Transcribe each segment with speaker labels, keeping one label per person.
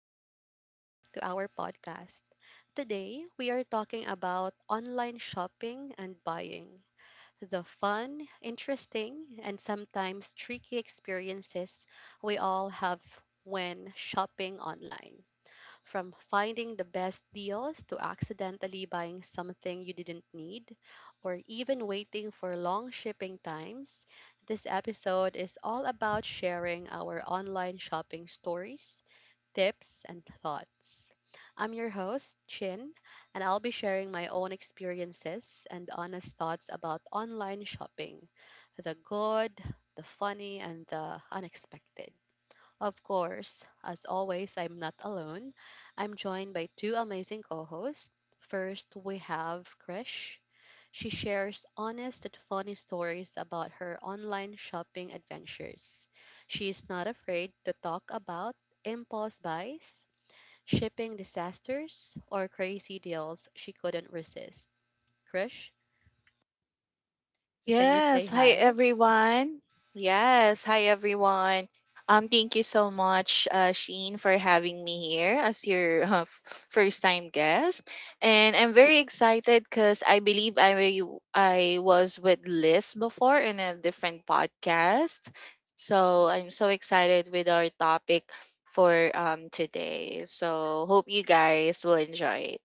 Speaker 1: and welcome back to our podcast. Today, we are talking about online shopping and buying the fun, interesting, and sometimes tricky experiences we all have when shopping online. From finding the best deals to accidentally buying something you didn't need, or even waiting for long shipping times, this episode is all about sharing our online shopping stories, tips, and thoughts. I'm your host, Chin, and I'll be sharing my own experiences and honest thoughts about online shopping, the good, the funny, and the unexpected. Of course, as always, I'm not alone. I'm joined by two amazing co hosts. First, we have Krish. She shares honest and funny stories about her online shopping adventures. She is not afraid to talk about impulse buys, shipping disasters, or crazy deals she couldn't resist. Krish, can you say
Speaker 2: Yes. Hi,
Speaker 1: hi?
Speaker 2: everyone. Yes. Hi, everyone. Thank you so much, Sheen, for having me here as your first-time guest, and I'm very excited because I believe I was with Liz before in a different podcast, so I'm so excited with our topic for today. So hope you guys will enjoy it.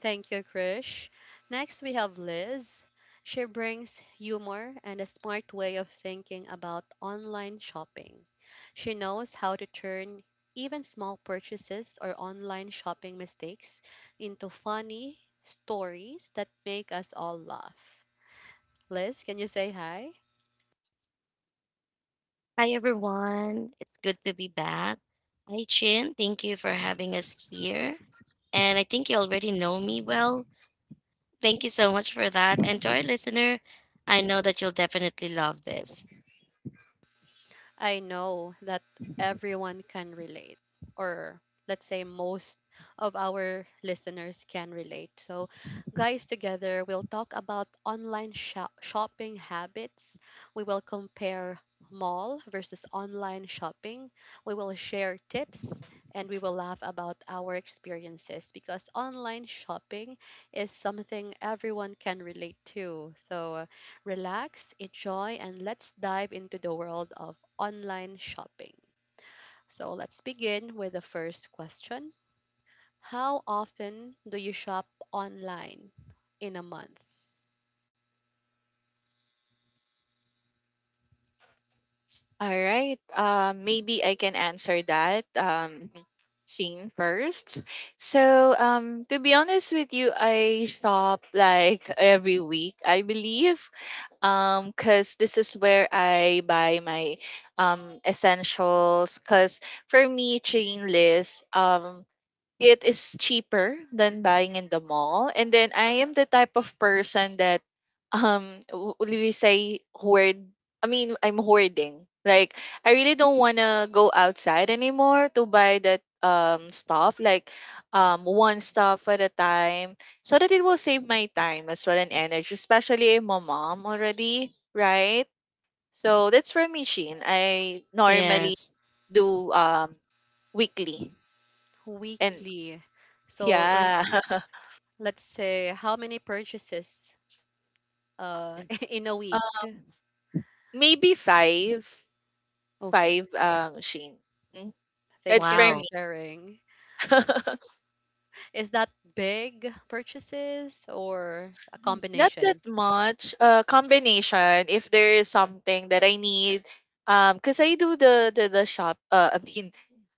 Speaker 1: Thank you, Krish. Next, we have Liz. She brings humor and a smart way of thinking about online shopping. She knows how to turn even small purchases or online shopping mistakes into funny stories that make us all laugh. Liz, can you say hi?
Speaker 3: Hi everyone. It's good to be back. Hi Chin. Thank you for having us here. And I think you already know me well. Thank you so much for that. And to our listener, I know that you'll definitely love this.
Speaker 1: I know that everyone can relate, or let's say most of our listeners can relate. So, guys, together we'll talk about online shopping habits. We will compare mall versus online shopping. We will share tips and we will laugh about our experiences because online shopping is something everyone can relate to. So, relax, enjoy, and let's dive into the world of online shopping. So let's begin with the first question. How often do you shop online in a month?
Speaker 2: All right. Maybe I can answer that. Shane first. So, to be honest with you, I shop like every week, I believe. Cause this is where I buy my essentials. Cause for me, chain list. It is cheaper than buying in the mall. And then I am the type of person that will we say hoard. I mean, I'm hoarding. Like I really don't wanna go outside anymore to buy that stuff, like one stuff at a time. So that it will save my time as well and energy, especially I'm a mom already, right? So that's for me, Sheen. I normally
Speaker 3: Yes.
Speaker 2: do weekly and
Speaker 1: Weekly. So is
Speaker 2: yeah.
Speaker 1: let's say how many purchases uh in a
Speaker 2: Um,
Speaker 1: week?
Speaker 2: Maybe five,
Speaker 1: Okay.
Speaker 2: five, Shane. Mm,
Speaker 1: Thank
Speaker 2: that's
Speaker 1: you
Speaker 2: for
Speaker 1: for
Speaker 3: Wow.
Speaker 2: me.
Speaker 1: sharing. Is that big purchases or a
Speaker 2: Not that
Speaker 1: combination?
Speaker 2: much. Combination. If there is something that I need, cause I do the shop. I mean,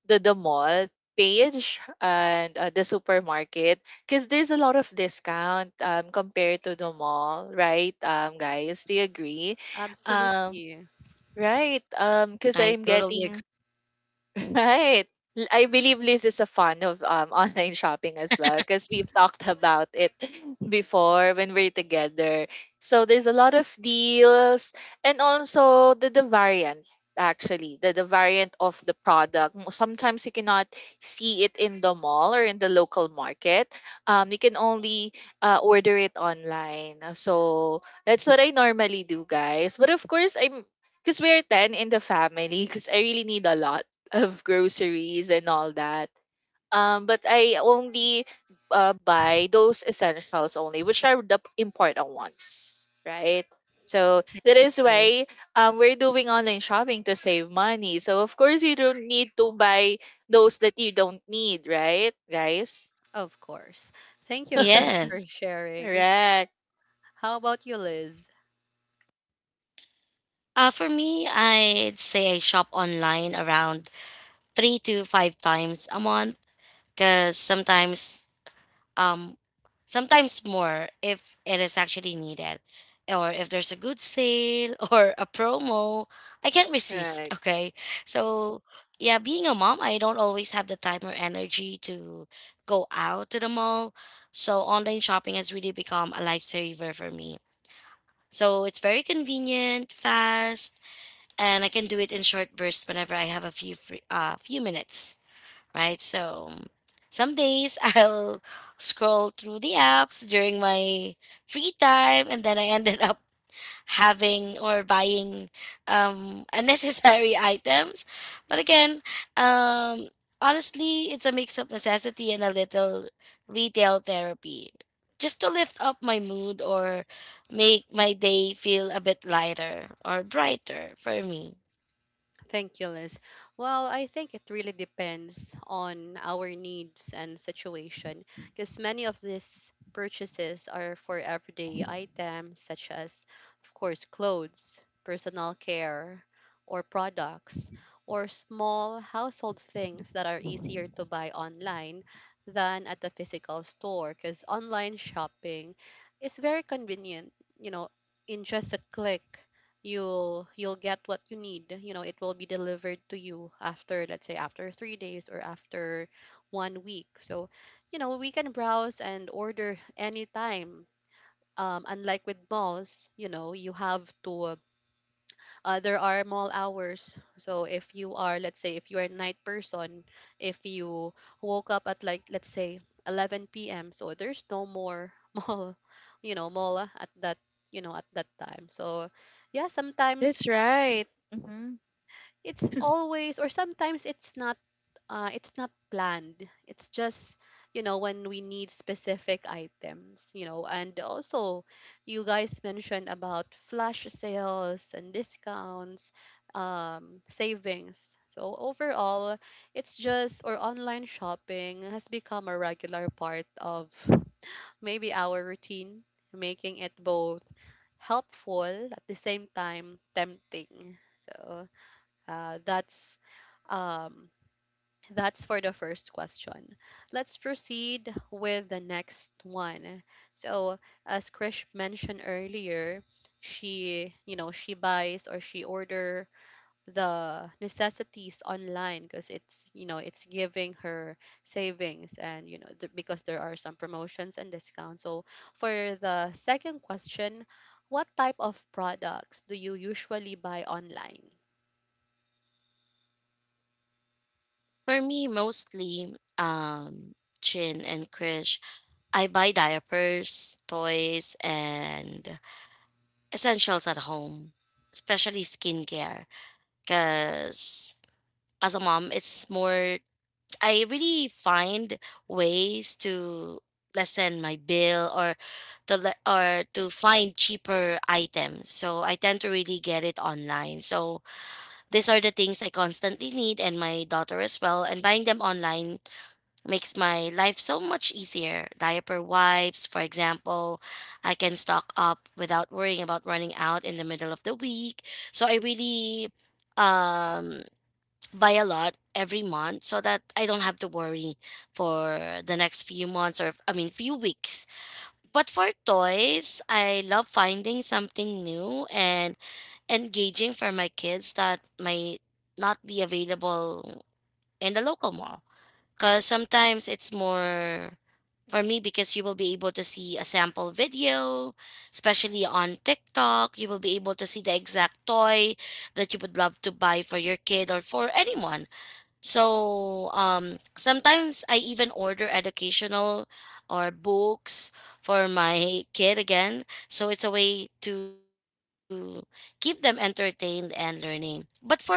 Speaker 2: the mall page and the supermarket because there's a lot of discount compared to the mall, right? Um, guys, do you agree? um
Speaker 1: Absolutely.
Speaker 2: right because
Speaker 3: I
Speaker 2: I'm
Speaker 3: totally
Speaker 2: getting
Speaker 3: agree.
Speaker 2: right. I believe this is a fun of online shopping as well, because we've talked about it before when we're together. So there's a lot of deals, and also the variant, actually the variant of the product. Sometimes you cannot see it in the mall or in the local market. Um, you can only order it online, so that's what I normally do, guys. But of course, I'm, because we're 10 in the family, because I really need a lot of groceries and all that. But I only buy those essentials only, which are the important ones, right? So
Speaker 1: Thank
Speaker 2: that is
Speaker 1: you,
Speaker 2: why
Speaker 1: Krish.
Speaker 2: we're doing online shopping to save money. So of course you don't need to buy those that you don't need, right, guys?
Speaker 1: Of course. Thank you, Krish, for
Speaker 3: Yes.
Speaker 1: sharing.
Speaker 2: Correct.
Speaker 1: How about you, Liz?
Speaker 3: For me, I'd say I shop online around three to five times a month because um sometimes more if it is actually needed, or if there's a good sale or a promo I can't resist.
Speaker 2: Right.
Speaker 3: Okay, so yeah, being a mom, I don't always have the time or energy to go out to the mall, so online shopping has really become a lifesaver for me. So it's very convenient, fast, and I can do it in short bursts whenever I have a few minutes, right? So some days I'll scroll through the apps during my free time, and then I ended up having or buying unnecessary items. But again, um, honestly, it's a mix of necessity and a little retail therapy. Just to lift up my mood or make my day feel a bit lighter or brighter for me.
Speaker 1: Thank you, Liz. Well, I think it really depends on our needs and situation because many of these purchases are for everyday items such as, of course, clothes, personal care, or products, or small household things that are easier to buy online than at a physical store, because online shopping is very convenient, you know, in just a click you'll get what you need. You know, it will be delivered to you after, let's say, after 3 days or after 1 week. So, you know, we can browse and order anytime. Unlike with malls, you know, you have to, there are mall hours, so if you are, let's say, if you are a night person, if you woke up at like, let's say, 11 p.m, so there's no more mall, you know, mall at that, you know, at that time. So yeah,
Speaker 2: That's
Speaker 1: sometimes
Speaker 2: right. Mm-hmm.
Speaker 1: it's always or sometimes it's not, it's not planned, it's just, you know, when we need specific items, you know. And also, you guys mentioned about flash sales and discounts, savings. So overall, it's just, or online shopping has become a regular part of maybe our routine, making it both helpful at the same time tempting. So that's, um, that's for the first question. Let's proceed with the next one. So, as Krish mentioned earlier, she, you know, she buys or she order the necessities online because it's, you know, it's giving her savings and, you know, because there are some promotions and discounts. So, for the second question, what type of products do you usually buy online?
Speaker 3: For me, mostly Chin and Krish. I buy diapers, toys, and essentials at home, especially skincare. Because as a mom, it's more, I really find ways to lessen my bill or or to find cheaper items, so I tend to really get it online. So these are the things I constantly need, and my daughter as well, and buying them online makes my life so much easier. Diaper wipes, for example, I can stock up without worrying about running out in the middle of the week. So I really um, buy a lot every month so that I don't have to worry for the next few months or, I mean, few weeks. But for toys, I love finding something new and engaging for my kids that might not be available in the local mall. Because sometimes it's more for me because you will be able to see a sample video, especially on TikTok. You will be able to see the exact toy that you would love to buy for your kid or for anyone. So sometimes I even order educational or books for my kid again. So it's a way to keep them entertained and learning. But for um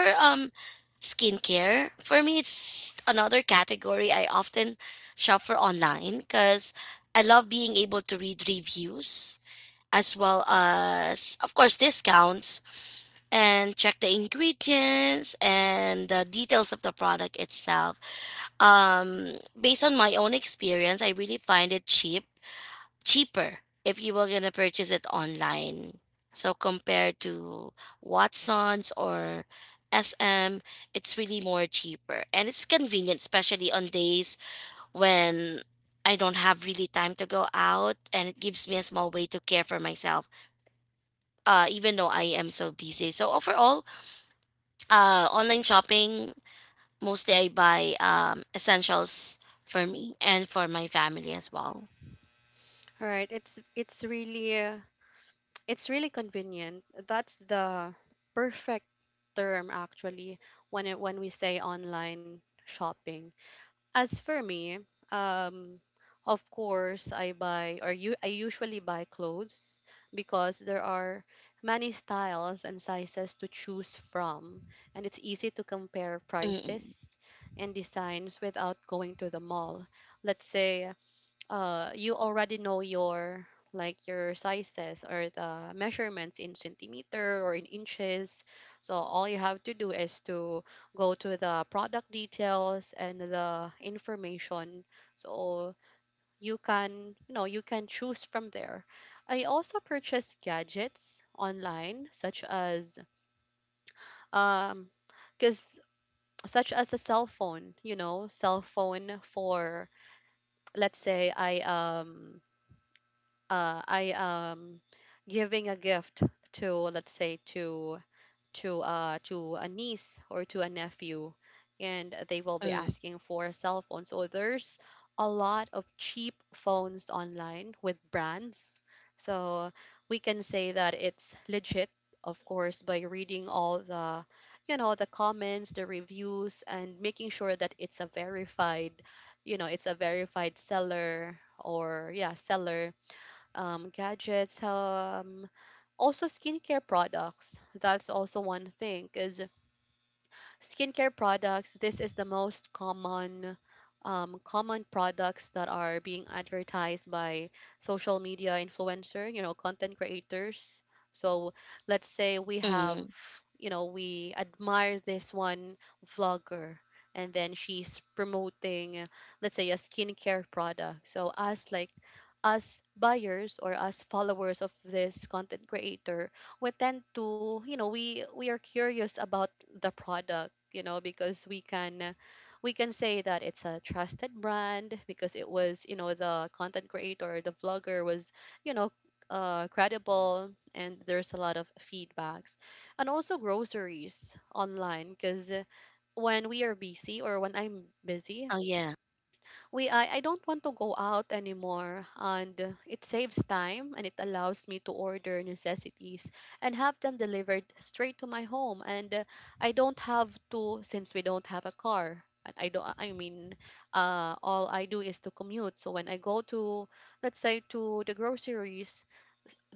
Speaker 3: skincare. For me, it's another category I often shop for online because I love being able to read reviews as well as, of course, discounts, and check the ingredients and the details of the product itself. Based on my own experience, I really find it cheaper if you were going to purchase it online. So compared to Watson's or SM, it's really more cheaper, and it's convenient, especially on days when I don't have really time to go out, and it gives me a small way to care for myself, even though I am so busy. So overall, online shopping, mostly I buy essentials for me and for my family as well.
Speaker 1: Right. It's really convenient. That's the perfect term actually when it, when we say online shopping. As for me, um of course I buy or you I usually buy clothes because there are many styles and sizes to choose from, and it's easy to compare
Speaker 3: Mm-mm,
Speaker 1: prices and designs without going to the mall. Let's say you already know your, like your sizes or the measurements in centimeter or in inches, so all you have to do is to go to the product details and the information, so you can, you know, you can choose from there. I also purchase gadgets online, such as, um because such as a cell phone, you know, cell phone for, let's say, I am giving a gift to, let's say, to to a niece or to a nephew, and they will be
Speaker 3: mm,
Speaker 1: asking for cell phones. So there's a lot of cheap phones online with brands. So we can say that it's legit, of course, by reading all the, you know, the comments, the reviews, and making sure that it's a verified, you know, it's a verified seller, or yeah, seller. Gadgets, also skincare products. That's also one thing, because skincare products, this is the most common, common products that are being advertised by social media influencer, you know, content creators. So let's say we have,
Speaker 3: mm.
Speaker 1: you know, we admire this one vlogger and then she's promoting, let's say, a skincare product. So us, like us buyers or us followers of this content creator, we tend to, you know, we are curious about the product, you know, because we can, we can say that it's a trusted brand because it was, you know, the content creator, the vlogger was, you know, credible, and there's a lot of feedbacks. And also groceries online, because when we are busy or when I'm
Speaker 3: Oh,
Speaker 1: busy,
Speaker 3: yeah.
Speaker 1: we I don't want to go out anymore, and it saves time and it allows me to order necessities and have them delivered straight to my home. And I don't have to, since we don't have a car, and I don't, I mean, all I do is to commute. So when I go to, let's say, to the groceries,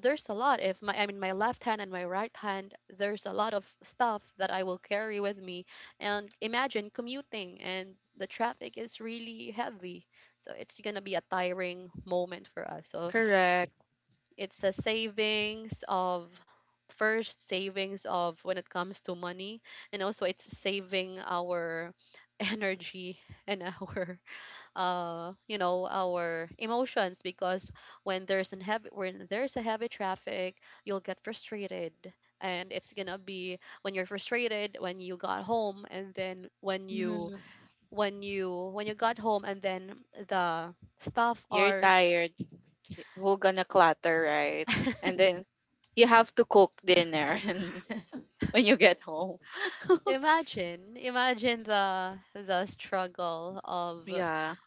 Speaker 1: there's a lot, if my, I mean, my left hand and my right hand, there's a lot of stuff that I will carry with me, and imagine commuting and the traffic is really heavy. So it's going to be a tiring moment for us. So
Speaker 2: Correct.
Speaker 1: it's a savings of, first, savings of when it comes to money, and also it's saving our energy and our you know our emotions, because when there's a heavy traffic, you'll get frustrated, and it's gonna be, when you're frustrated, when you got home and then when you,
Speaker 2: Mhm.
Speaker 1: when you got home and then the staff
Speaker 2: You're
Speaker 1: are
Speaker 2: tired. We're gonna clutter, right? And then you have to cook dinner and when you get home.
Speaker 1: imagine, the struggle of,
Speaker 2: Yeah.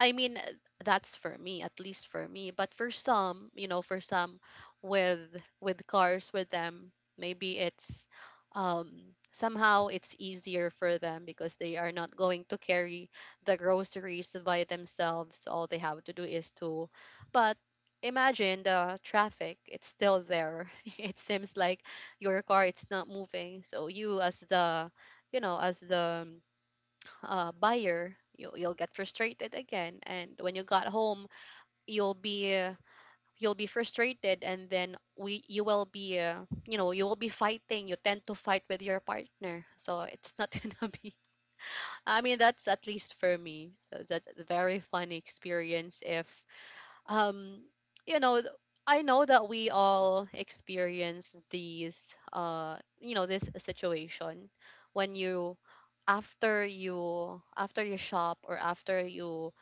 Speaker 1: I mean, that's for me, at least for me. But for some, you know, for some with with cars with them, maybe it's, somehow it's easier for them because they are not going to carry the groceries by themselves. All they have to do is to, but imagine the traffic, it's still there it seems like your car, it's not moving. So you as the, you know, as the buyer, you'll get frustrated again. And when you got home, you'll be uh, you'll be frustrated, and then we you will be you know you will be fighting. You tend to fight with your partner, so it's not gonna be. I mean, that's at least for me. So that's a very funny experience. If, um, you know. I know that we all experience these, you know, this situation when you, after you shop or after you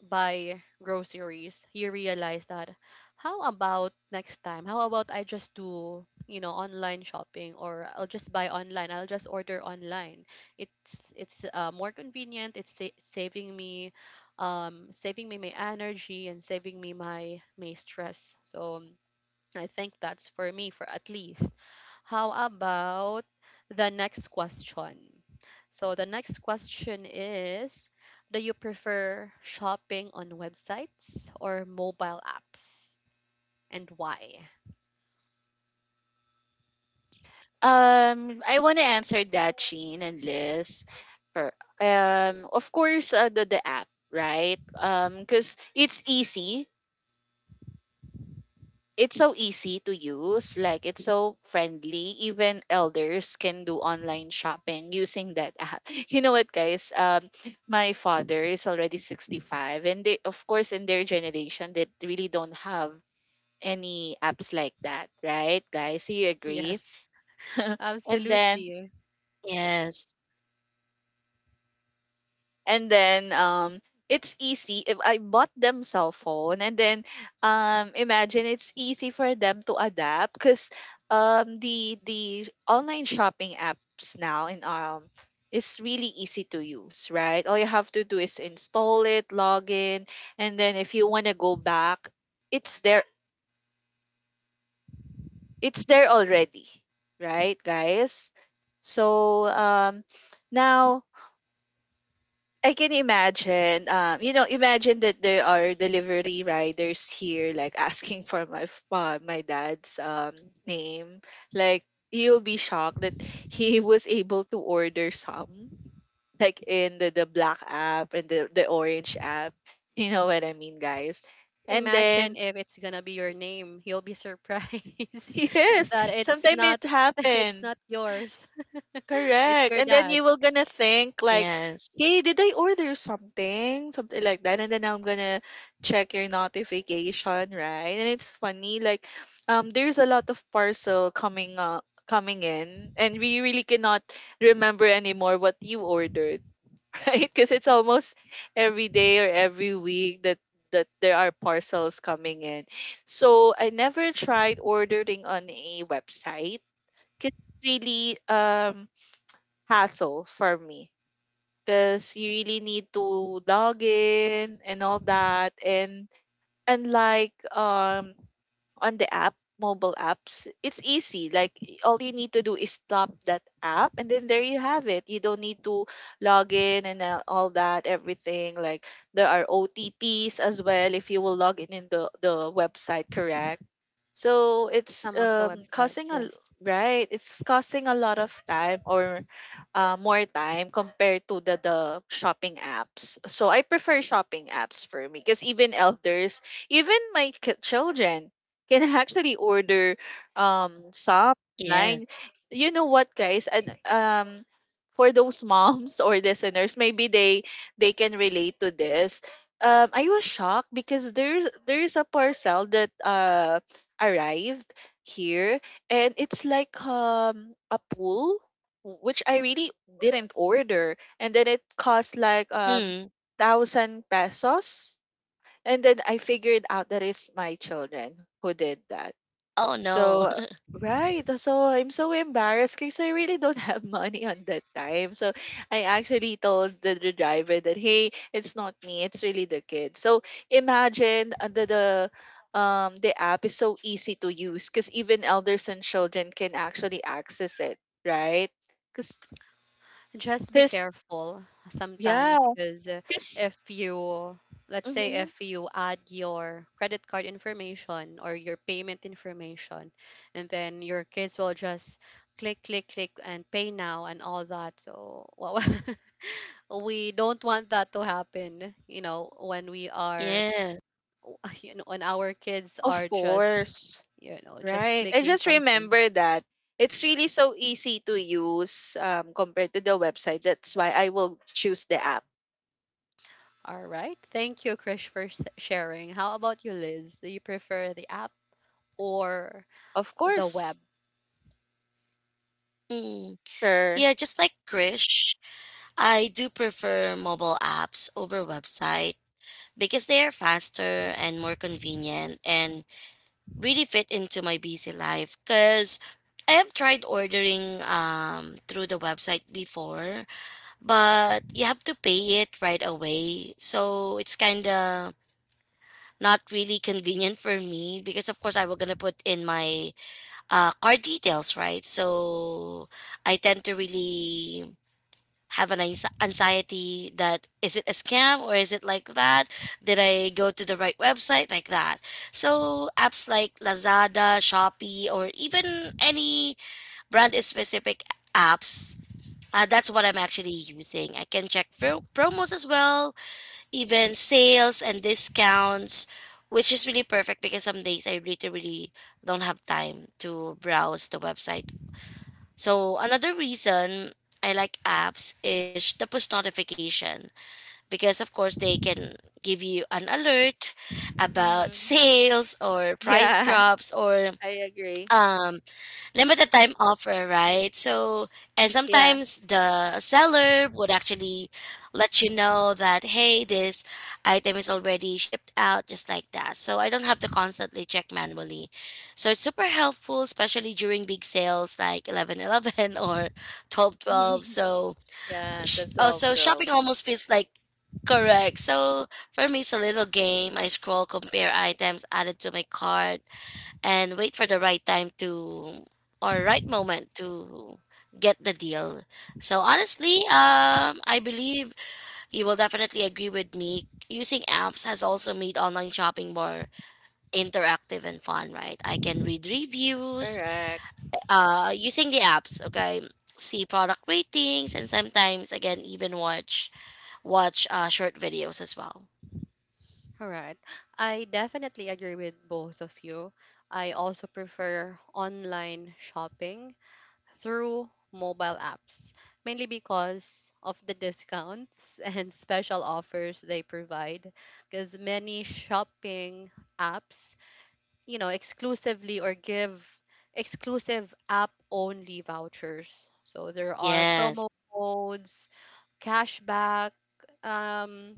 Speaker 1: buy groceries, you realize that how about next time, how about I just do, you know, online shopping, or I'll just buy online, I'll just order online. It's more convenient, it's saving me, saving me my energy, and saving me my, my stress. So I think that's for me, for at least. How about the next question? So the next question is, do you prefer shopping on websites or mobile apps, and why?
Speaker 2: I want to answer that, Sheen and Liz. For of course, the app, right? Because it's easy, it's so easy to use, like it's so friendly, even elders can do online shopping using that app. You know what, guys? My father is already 65, and they, of course, in their generation, they really don't have any apps like that, right, guys? Do you agree?
Speaker 1: Yes.
Speaker 2: And then
Speaker 1: Absolutely.
Speaker 3: Yes,
Speaker 2: and then it's easy if I bought them cell phone, and then imagine it's easy for them to adapt because the online shopping apps now in is really easy to use, right? All you have to do is install it, log in, and then if you want to go back, it's there it's there already, right, guys? So now I can imagine. You know, imagine that there are delivery riders here, like asking for my my dad's name. Like you'll be shocked that he was able to order some, like in the black app and the orange app. You know what I mean, guys? And then
Speaker 1: Imagine if it's going to be your name, you'll be surprised
Speaker 2: yes,
Speaker 1: that it's
Speaker 2: sometimes
Speaker 1: not
Speaker 2: it
Speaker 1: it's
Speaker 2: happened.
Speaker 1: not yours. It's
Speaker 2: Correct.
Speaker 1: your
Speaker 2: And then you will
Speaker 1: dad's.
Speaker 2: gonna think like,
Speaker 3: yes,
Speaker 2: hey, did I order something? Something like that. And then I'm gonna check your notification, right? And it's funny, like, there's a lot of parcel coming in, and we really cannot remember anymore what you ordered right, because it's almost every day or every week that there are parcels coming in. So I never tried ordering on a website, 'cause really hassle for me, because you really need to log in and all that. And unlike on the app, mobile apps, it's easy, like all you need to do is stop that app, and then there you have it. You don't need to log in and all that, everything. Like there are OTPs as well if you will log in the website, correct? So it's
Speaker 1: Some of the websites,
Speaker 2: causing
Speaker 1: yes.
Speaker 2: right. It's costing a lot of time or more time compared to the shopping apps. So I prefer shopping apps for me, because even elders, even my children can actually order, shop online.
Speaker 3: yes.
Speaker 2: You know what, guys? And. For those moms or listeners, maybe they can relate to this. I was shocked because there's a parcel that arrived here, and it's like a pool, which I really didn't order, and then it cost like
Speaker 3: Mm.
Speaker 2: thousand pesos, and then I figured out that it's my children who did that.
Speaker 3: Oh no.
Speaker 2: So right, so I'm so embarrassed, because I really don't have money on that time. So I actually told the driver that hey, it's not me, it's really the kid. So imagine the app is so easy to use, because even elders and children can actually access it, right? Because
Speaker 1: Just be careful
Speaker 2: yeah,
Speaker 1: sometimes, because
Speaker 2: because
Speaker 1: if you, let's say, if you add your credit card information or your payment information, and then your kids will just click click click and pay now and all that. So we don't want that to happen, you know, when we are
Speaker 3: Yeah.
Speaker 1: you know, when our kids
Speaker 2: of
Speaker 1: are just,
Speaker 2: course.
Speaker 1: you know, just
Speaker 2: Right. I
Speaker 1: clicking
Speaker 2: just
Speaker 1: something.
Speaker 2: remember that it's really so easy to use compared to the website. That's why I will choose the app.
Speaker 1: All right. Thank you, Krish, for sharing. How about you, Liz? Do you prefer the app or
Speaker 2: Of
Speaker 1: the
Speaker 2: course.
Speaker 1: web,
Speaker 3: Mm.
Speaker 2: Sure.
Speaker 3: Yeah, just like Krish, I do prefer mobile apps over website because they are faster and more convenient, and really fit into my busy life. Cause I have tried ordering through the website before, but you have to pay it right away. So it's kinda not really convenient for me because of course I will gonna put in my car details, right? So I tend to really have an anxiety that is it a scam or is it like that? Did I go to the right website like that? So apps like Lazada, Shopee, or even any brand specific apps. That's what I'm actually using. I can check promos as well, even sales and discounts, which is really perfect because some days I really, really don't have time to browse the website. So another reason I like apps is the push notification, because of course they can give you an alert about
Speaker 2: Hmm.
Speaker 3: sales or price
Speaker 2: Yeah,
Speaker 3: drops or
Speaker 2: I agree.
Speaker 3: um limited time offer, right? So, and
Speaker 2: Yeah.
Speaker 3: sometimes the seller would actually let you know that, hey, this item is already shipped out, just like that. So I don't have to constantly check manually. So it's super helpful, especially during big sales like 11.11 or 12.12. So,
Speaker 2: Yeah, the 12
Speaker 3: so
Speaker 2: 12.
Speaker 3: shopping almost feels like Correct. So for me, it's a little game. I scroll, compare items added to my cart, and wait for the right time to or right moment to get the deal. So honestly, I believe you will definitely agree with me. Using apps has also made online shopping more interactive and fun, right? I can read reviews
Speaker 2: Correct.
Speaker 3: using the apps. Okay, see product ratings, and sometimes again even watch short videos as well.
Speaker 1: right? I definitely agree with both of you. I also prefer online shopping through mobile apps, mainly because of the discounts and special offers they provide. Because many shopping apps, you know, exclusively or give exclusive app only vouchers. So there are
Speaker 3: Yes,
Speaker 1: promo codes cashback um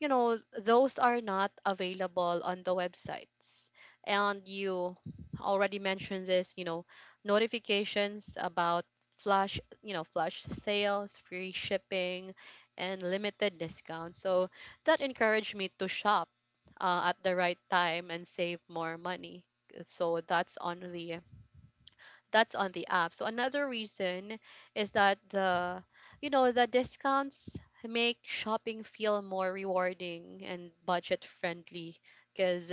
Speaker 1: those are not available on the websites, and you already mentioned this, notifications about flash you know flash sales, free shipping, and limited discounts, so that encouraged me to shop at the right time and save more money. So that's on the app. So another reason is that the you know the discounts make shopping feel more rewarding and budget friendly, because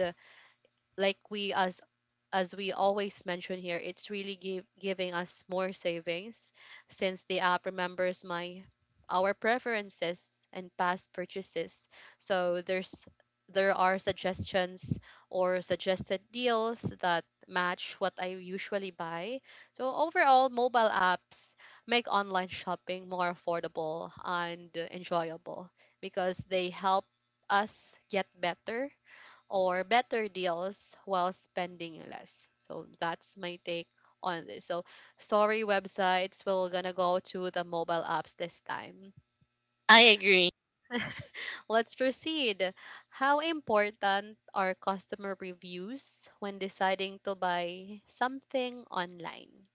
Speaker 1: like we, as we always mention here, it's really giving us more savings, since the app remembers my our preferences and past purchases. So there are suggestions or suggested deals that match what I usually buy. So overall, mobile apps make online shopping more affordable and enjoyable, because they help us get better deals while spending less. So that's my take on this. So sorry, websites, we're gonna go to the mobile apps this time.
Speaker 3: I agree.
Speaker 1: Let's proceed. How important are customer reviews when deciding to buy something online?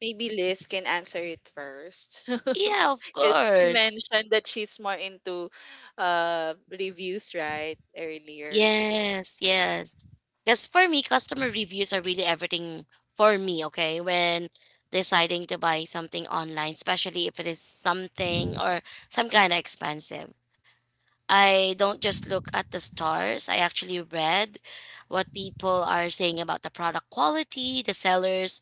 Speaker 2: Maybe Liz can answer it first.
Speaker 3: Yeah, of
Speaker 2: Because she
Speaker 3: course.
Speaker 2: mentioned that she's more into reviews, right? Earlier.
Speaker 3: Yes, yes. Because for me, customer reviews are really everything for me, okay? When deciding to buy something online, especially if it is something or some kind of expensive. I don't just look at the stars. I actually read what people are saying about the product quality, the seller's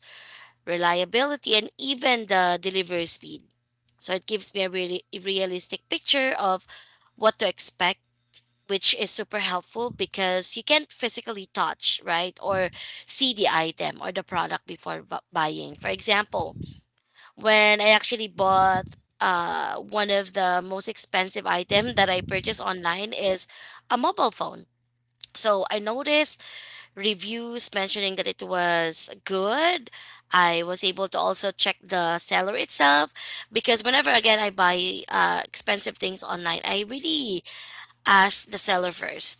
Speaker 3: reliability, and even the delivery speed. So it gives me a really realistic picture of what to expect, which is super helpful because you can't physically touch, right, or see the item or the product before buying. For example, when I actually bought one of the most expensive item that I purchased online is a mobile phone. So I noticed reviews mentioning that it was good. I was able to also check the seller itself because whenever again I buy expensive things online, I really ask the seller first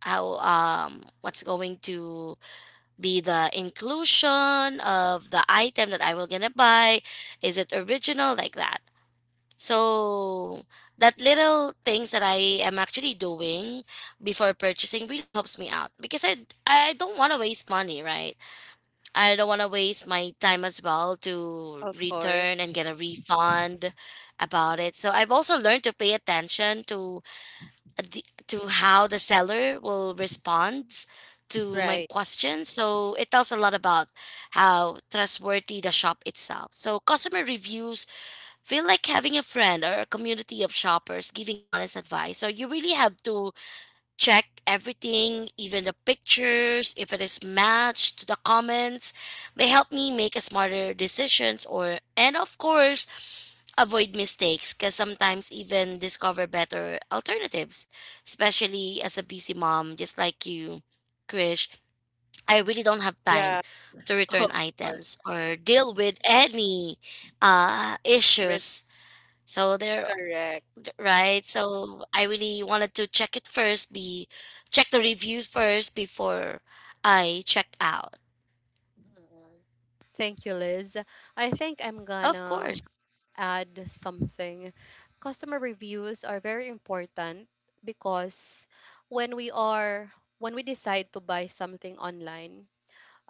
Speaker 3: how what's going to be the inclusion of the item that I will gonna buy. Is it original like that? So that little things that I am actually doing before purchasing really helps me out because I don't want to waste money, right? I don't want to waste my time as well to
Speaker 2: Of
Speaker 3: return
Speaker 2: course.
Speaker 3: and get a refund about it.
Speaker 2: Mhm.
Speaker 3: So I've also learned to pay attention to to how the seller will respond to my
Speaker 2: Right.
Speaker 3: question. So it tells a lot about how trustworthy the shop itself. So customer reviews feel like having a friend or a community of shoppers giving honest advice. So you really have to check everything, even the pictures, if it is matched to the comments. They help me make a smarter decisions or and of course avoid mistakes because sometimes even discover better alternatives, especially as a busy mom, just like you, Krish. I really don't have time
Speaker 2: Yeah,
Speaker 3: to return
Speaker 2: of
Speaker 3: items
Speaker 2: course.
Speaker 3: or deal with any
Speaker 2: Red.
Speaker 3: issues. So there
Speaker 2: Correct.
Speaker 3: right? So I really wanted to check it first, be check the reviews first before I checked out.
Speaker 2: Mm.
Speaker 1: Thank you, Liz. I think I'm
Speaker 3: Of
Speaker 1: gonna
Speaker 3: course.
Speaker 1: add something. Customer reviews are very important because when we are when we decide to buy something online,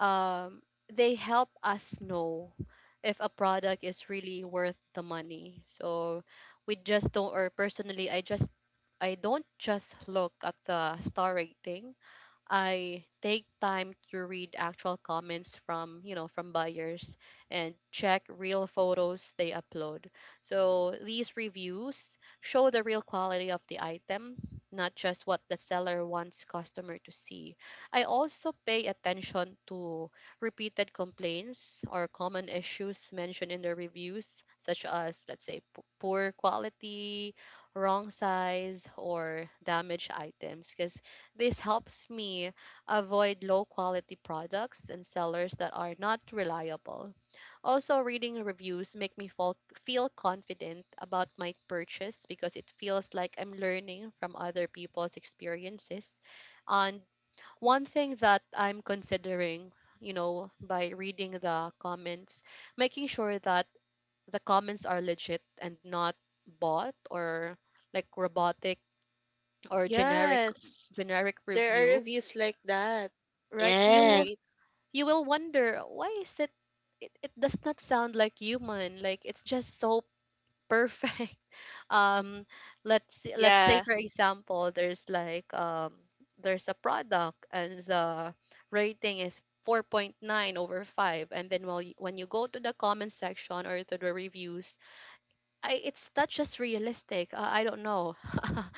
Speaker 1: um, they help us know if a product is really worth the money. So we just don't, or personally, I don't just look at the star rating. I take time to read actual comments from, from buyers, and check real photos they upload. So these reviews show the real quality of the item, not just what the seller wants customer to see. I also pay attention to repeated complaints or common issues mentioned in the reviews, such as, let's say, poor quality, wrong size, or damaged items, because this helps me avoid low quality products and sellers that are not reliable. Also, reading reviews make me feel confident about my purchase, because it feels like I'm learning from other people's experiences. And one thing that I'm considering, by reading the comments, making sure that the comments are legit and not bot or like robotic, or generic
Speaker 2: Yes.
Speaker 1: generic
Speaker 2: There are
Speaker 1: review,
Speaker 2: reviews like that,
Speaker 1: right? you will
Speaker 3: Yes,
Speaker 2: right?
Speaker 1: you will wonder, why is it, does not sound like human, like it's just so perfect. um let's say
Speaker 2: Yeah,
Speaker 1: for example there's like there's a product and the rating is 4.9 over 5, and then when you go to the comment section or to the reviews, I it's not just realistic. I don't know.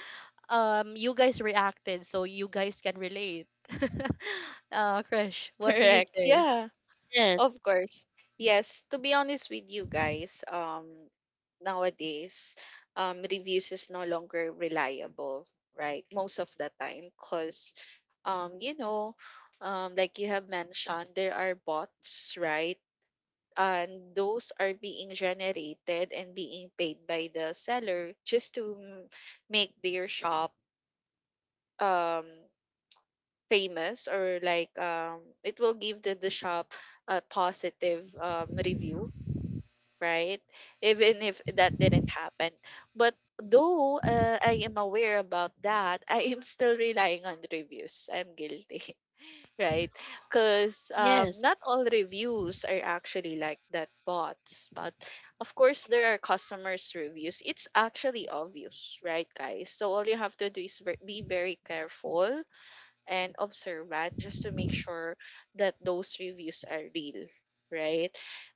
Speaker 1: you guys reacted, so you guys can relate. Krish, what do you
Speaker 2: correct.
Speaker 1: say?
Speaker 2: Yeah,
Speaker 3: yes,
Speaker 2: of course. Yes, to be honest with you guys, nowadays, reviews is no longer reliable, right? Most of the time because you know, like you have mentioned, there are bots, right? And those are being generated and being paid by the seller just to make their shop um famous, or like it will give the shop a positive review, right, even if that didn't happen. But though I am aware about that, I am still relying on reviews. I'm guilty, right? Because
Speaker 3: yes,
Speaker 2: not all reviews are actually like that bots, but of course there are customers' reviews. It's actually obvious, right, guys? So all you have to do is be very careful and observant just to make sure that those reviews are real, right?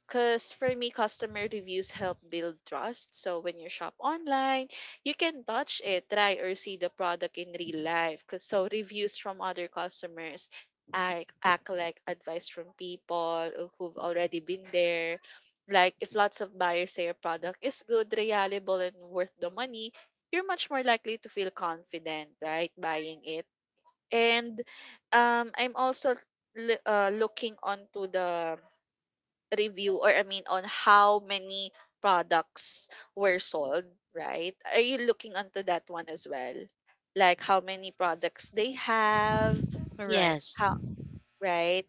Speaker 2: Because for me, customer reviews help build trust. So when you shop online, you can touch it, try or see the product in real life. 'Cause, so reviews from other customers act like advice from people who've already been there. Like if lots of buyers say a product is good, reliable, and worth the money, you're much more likely to feel confident, right, buying it. And I'm also looking onto the review, or I mean on how many products were sold, right? Are you looking onto that one as well? Like how many products they have,
Speaker 1: All right.
Speaker 3: yes.
Speaker 2: right?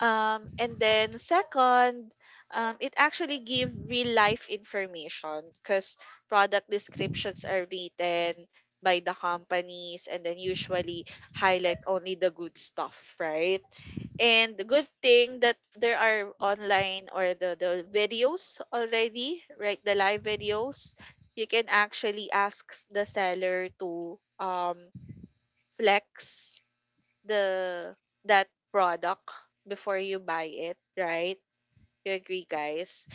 Speaker 2: And then second, it actually give real life information, because product descriptions are written by the companies, and then usually highlight only the good stuff, right? And the good thing that there are online, or the videos already, right? The live videos, you can actually ask the seller to flex the that product before you buy it, right? You agree, guys?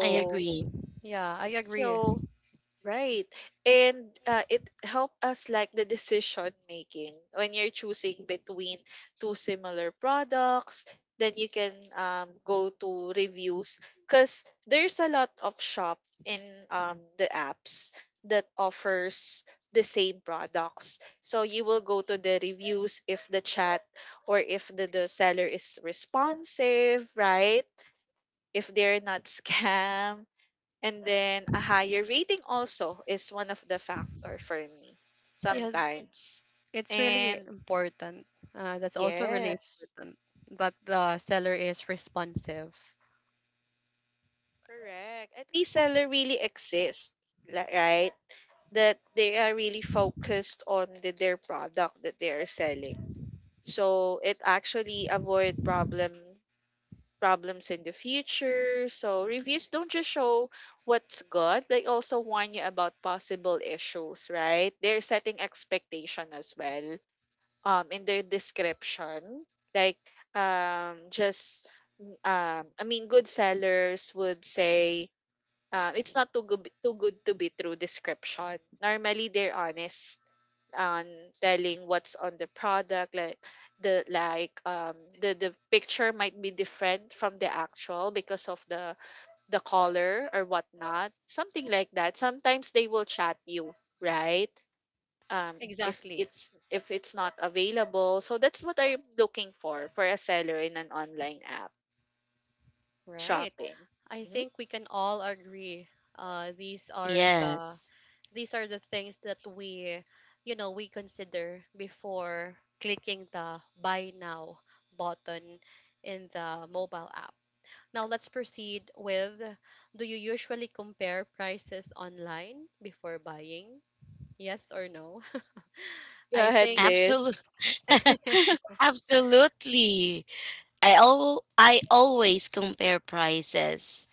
Speaker 3: I
Speaker 1: Yes.
Speaker 3: agree.
Speaker 1: Yeah, I agree.
Speaker 2: so right. And it help us like the decision making when you're choosing between two similar products, then you can go to reviews, because there's a lot of shop in the apps that offers the same products. So you will go to the reviews if the chat, or if the seller is responsive, right? If they're not scam, and then a higher rating also is one of the factor for me
Speaker 1: Yeah,
Speaker 2: sometimes.
Speaker 1: it's really
Speaker 2: And
Speaker 1: important. That's also really
Speaker 2: yes,
Speaker 1: important, that
Speaker 2: mhm,
Speaker 1: the seller is responsive.
Speaker 2: correct. At least seller really exists, right? That they are really focused on their product that they are selling. So it actually avoid problems in the future. So reviews don't just show what's good, they also warn you about possible issues, right? They're setting expectation as well. In their description, like, just, I mean, good sellers would say, it's not too good to be true description. Normally, they're honest on telling what's on the product, like the picture might be different from the actual because of the color or whatnot, something like that. Sometimes they will chat you, right,
Speaker 1: Exactly.
Speaker 2: if it's not available. So that's what I'm looking for a seller in an online app
Speaker 1: Right.
Speaker 2: shopping.
Speaker 1: I
Speaker 2: hmm
Speaker 1: think we can all agree. Uh, these are the
Speaker 3: Yes.
Speaker 1: these are the things that we you know we consider before clicking the buy now button in the mobile app. Now let's proceed with, do you usually compare prices online before buying, yes or no?
Speaker 2: Go
Speaker 1: I
Speaker 2: ahead,
Speaker 1: think,
Speaker 3: Absolutely,
Speaker 2: Liz.
Speaker 3: absolutely. I always compare prices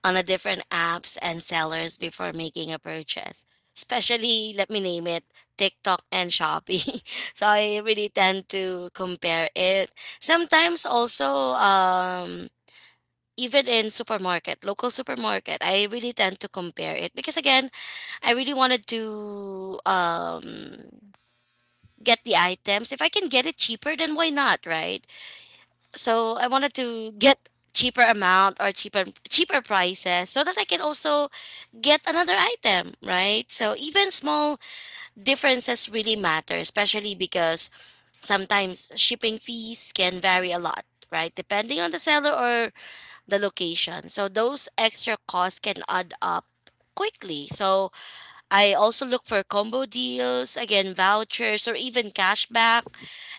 Speaker 3: on a different apps and sellers before making a purchase. Especially, let me name it, TikTok and Shopee. So I really tend to compare it. Sometimes also even in supermarket, local supermarket, I really tend to compare it because again, I really wanted to get the items. If I can get it cheaper, then why not, right? So I wanted to get cheaper amount or cheaper prices so that I can also get another item, right? So even small differences really matter, especially because sometimes shipping fees can vary a lot, right? Depending on the seller or the location. So those extra costs can add up quickly. So I also look for combo deals, again vouchers or even cashback,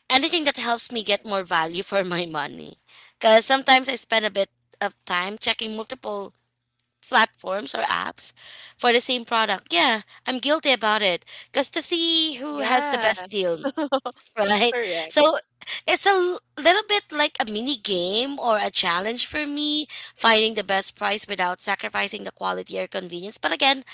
Speaker 3: anything that helps me get more value for my money. Because sometimes I spend a bit of time checking multiple platforms or apps for the same product. Yeah, I'm guilty about it. Because to see who has the
Speaker 2: Yeah.
Speaker 3: best deal, right?
Speaker 2: Correct.
Speaker 3: So it's a little bit like a mini game or a challenge for me, finding the best price without sacrificing the quality or convenience. But again,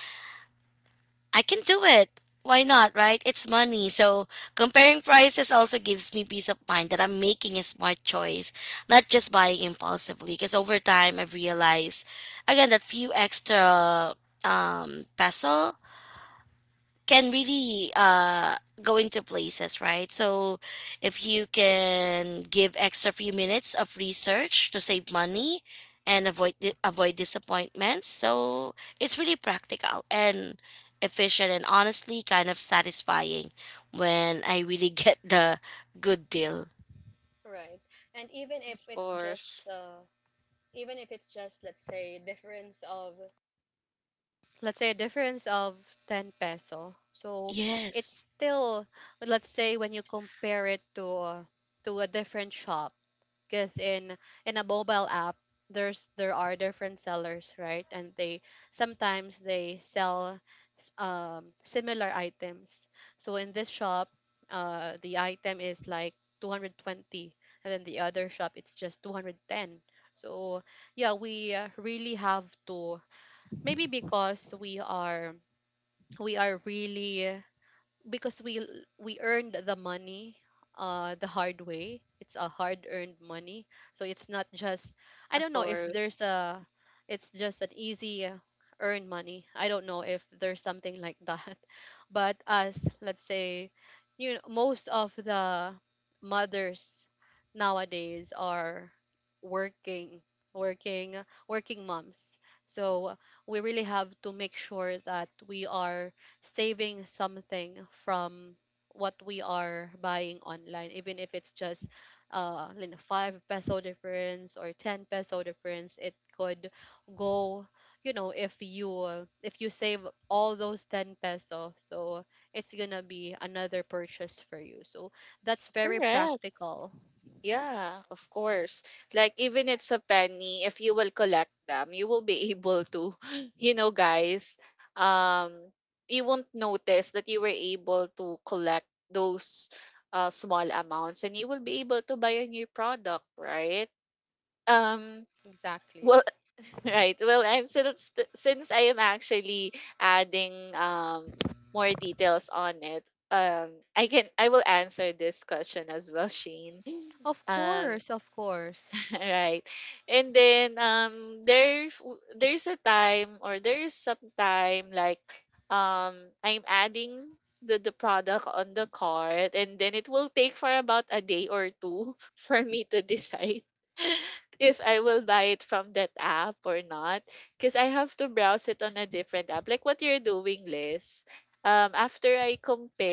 Speaker 3: I can do it. Why not, right? It's money. So comparing prices also gives me peace of mind that I'm making a smart choice, not just buying impulsively. Because over time, I've realized, again, that few extra peso can really go into places, right? So if you can give extra few minutes of research to save money and avoid avoid disappointments, so it's really practical and efficient, and honestly kind of satisfying when I really get the good deal.
Speaker 1: right, and even if
Speaker 2: Of
Speaker 1: it's
Speaker 2: course.
Speaker 1: just even if it's just let's say difference of let's say a difference of 10 peso, so it's
Speaker 3: Yes,
Speaker 1: still, let's say, when you compare it to a different shop, because in a mobile app, there are different sellers, right? And they sometimes they sell similar items. So in this shop, the item is like 220, and then the other shop, it's just 210. So yeah, we really have to... Maybe because we are really, because we earned the money the hard way. It's a hard earned money. So it's not just, I
Speaker 2: Of
Speaker 1: don't know if
Speaker 2: course.
Speaker 1: there's a, it's just an easy earned money, I don't know if there's something like that. But as, let's say, most of the mothers nowadays are working working working moms, so we really have to make sure that we are saving something from what we are buying online, even if it's just, five peso difference or ten peso difference, it could go. If you, save all those ten peso, so it's gonna be another purchase for you. So that's very
Speaker 2: Correct.
Speaker 1: practical.
Speaker 2: Yeah, of course. Like even it's a penny, if you will collect them, you will be able to, you know, guys, um, you won't notice that you were able to collect those small amounts, and you will be able to buy a new product, right? Um,
Speaker 1: Exactly.
Speaker 2: well, right. Well, since I am actually adding more details on it, I will answer this question as well, Shane.
Speaker 1: Of
Speaker 2: Um,
Speaker 1: course, of course.
Speaker 2: Right. And then there's a time, or there's some time, like I'm adding the product on the cart, and then it will take for about a day or two for me to decide if I will buy it from that app or not, because I have to browse it on a different app, like what you're doing, Liz. After I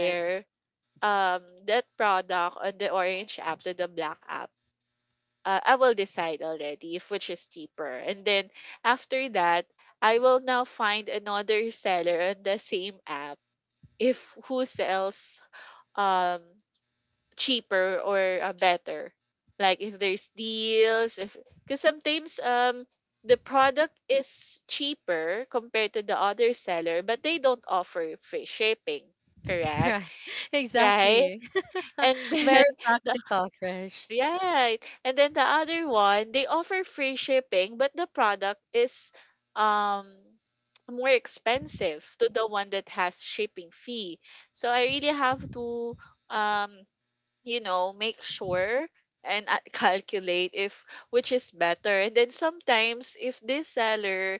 Speaker 3: yes,
Speaker 2: that product on the orange app to the black app, I will decide already if which is cheaper. And then after that, I will now find another seller on the same app if who sells um cheaper or better. Like if there's deals, if, because sometimes the product is cheaper compared to the other seller, but they don't offer free shipping, correct?
Speaker 1: Right.
Speaker 2: Right?
Speaker 1: Exactly.
Speaker 2: And then
Speaker 1: Very practical, Krish.
Speaker 2: right. And then the other one, they offer free shipping, but the product is um more expensive to the one that has shipping fee. So I really have to, um make sure and calculate if which is better. And then sometimes if this seller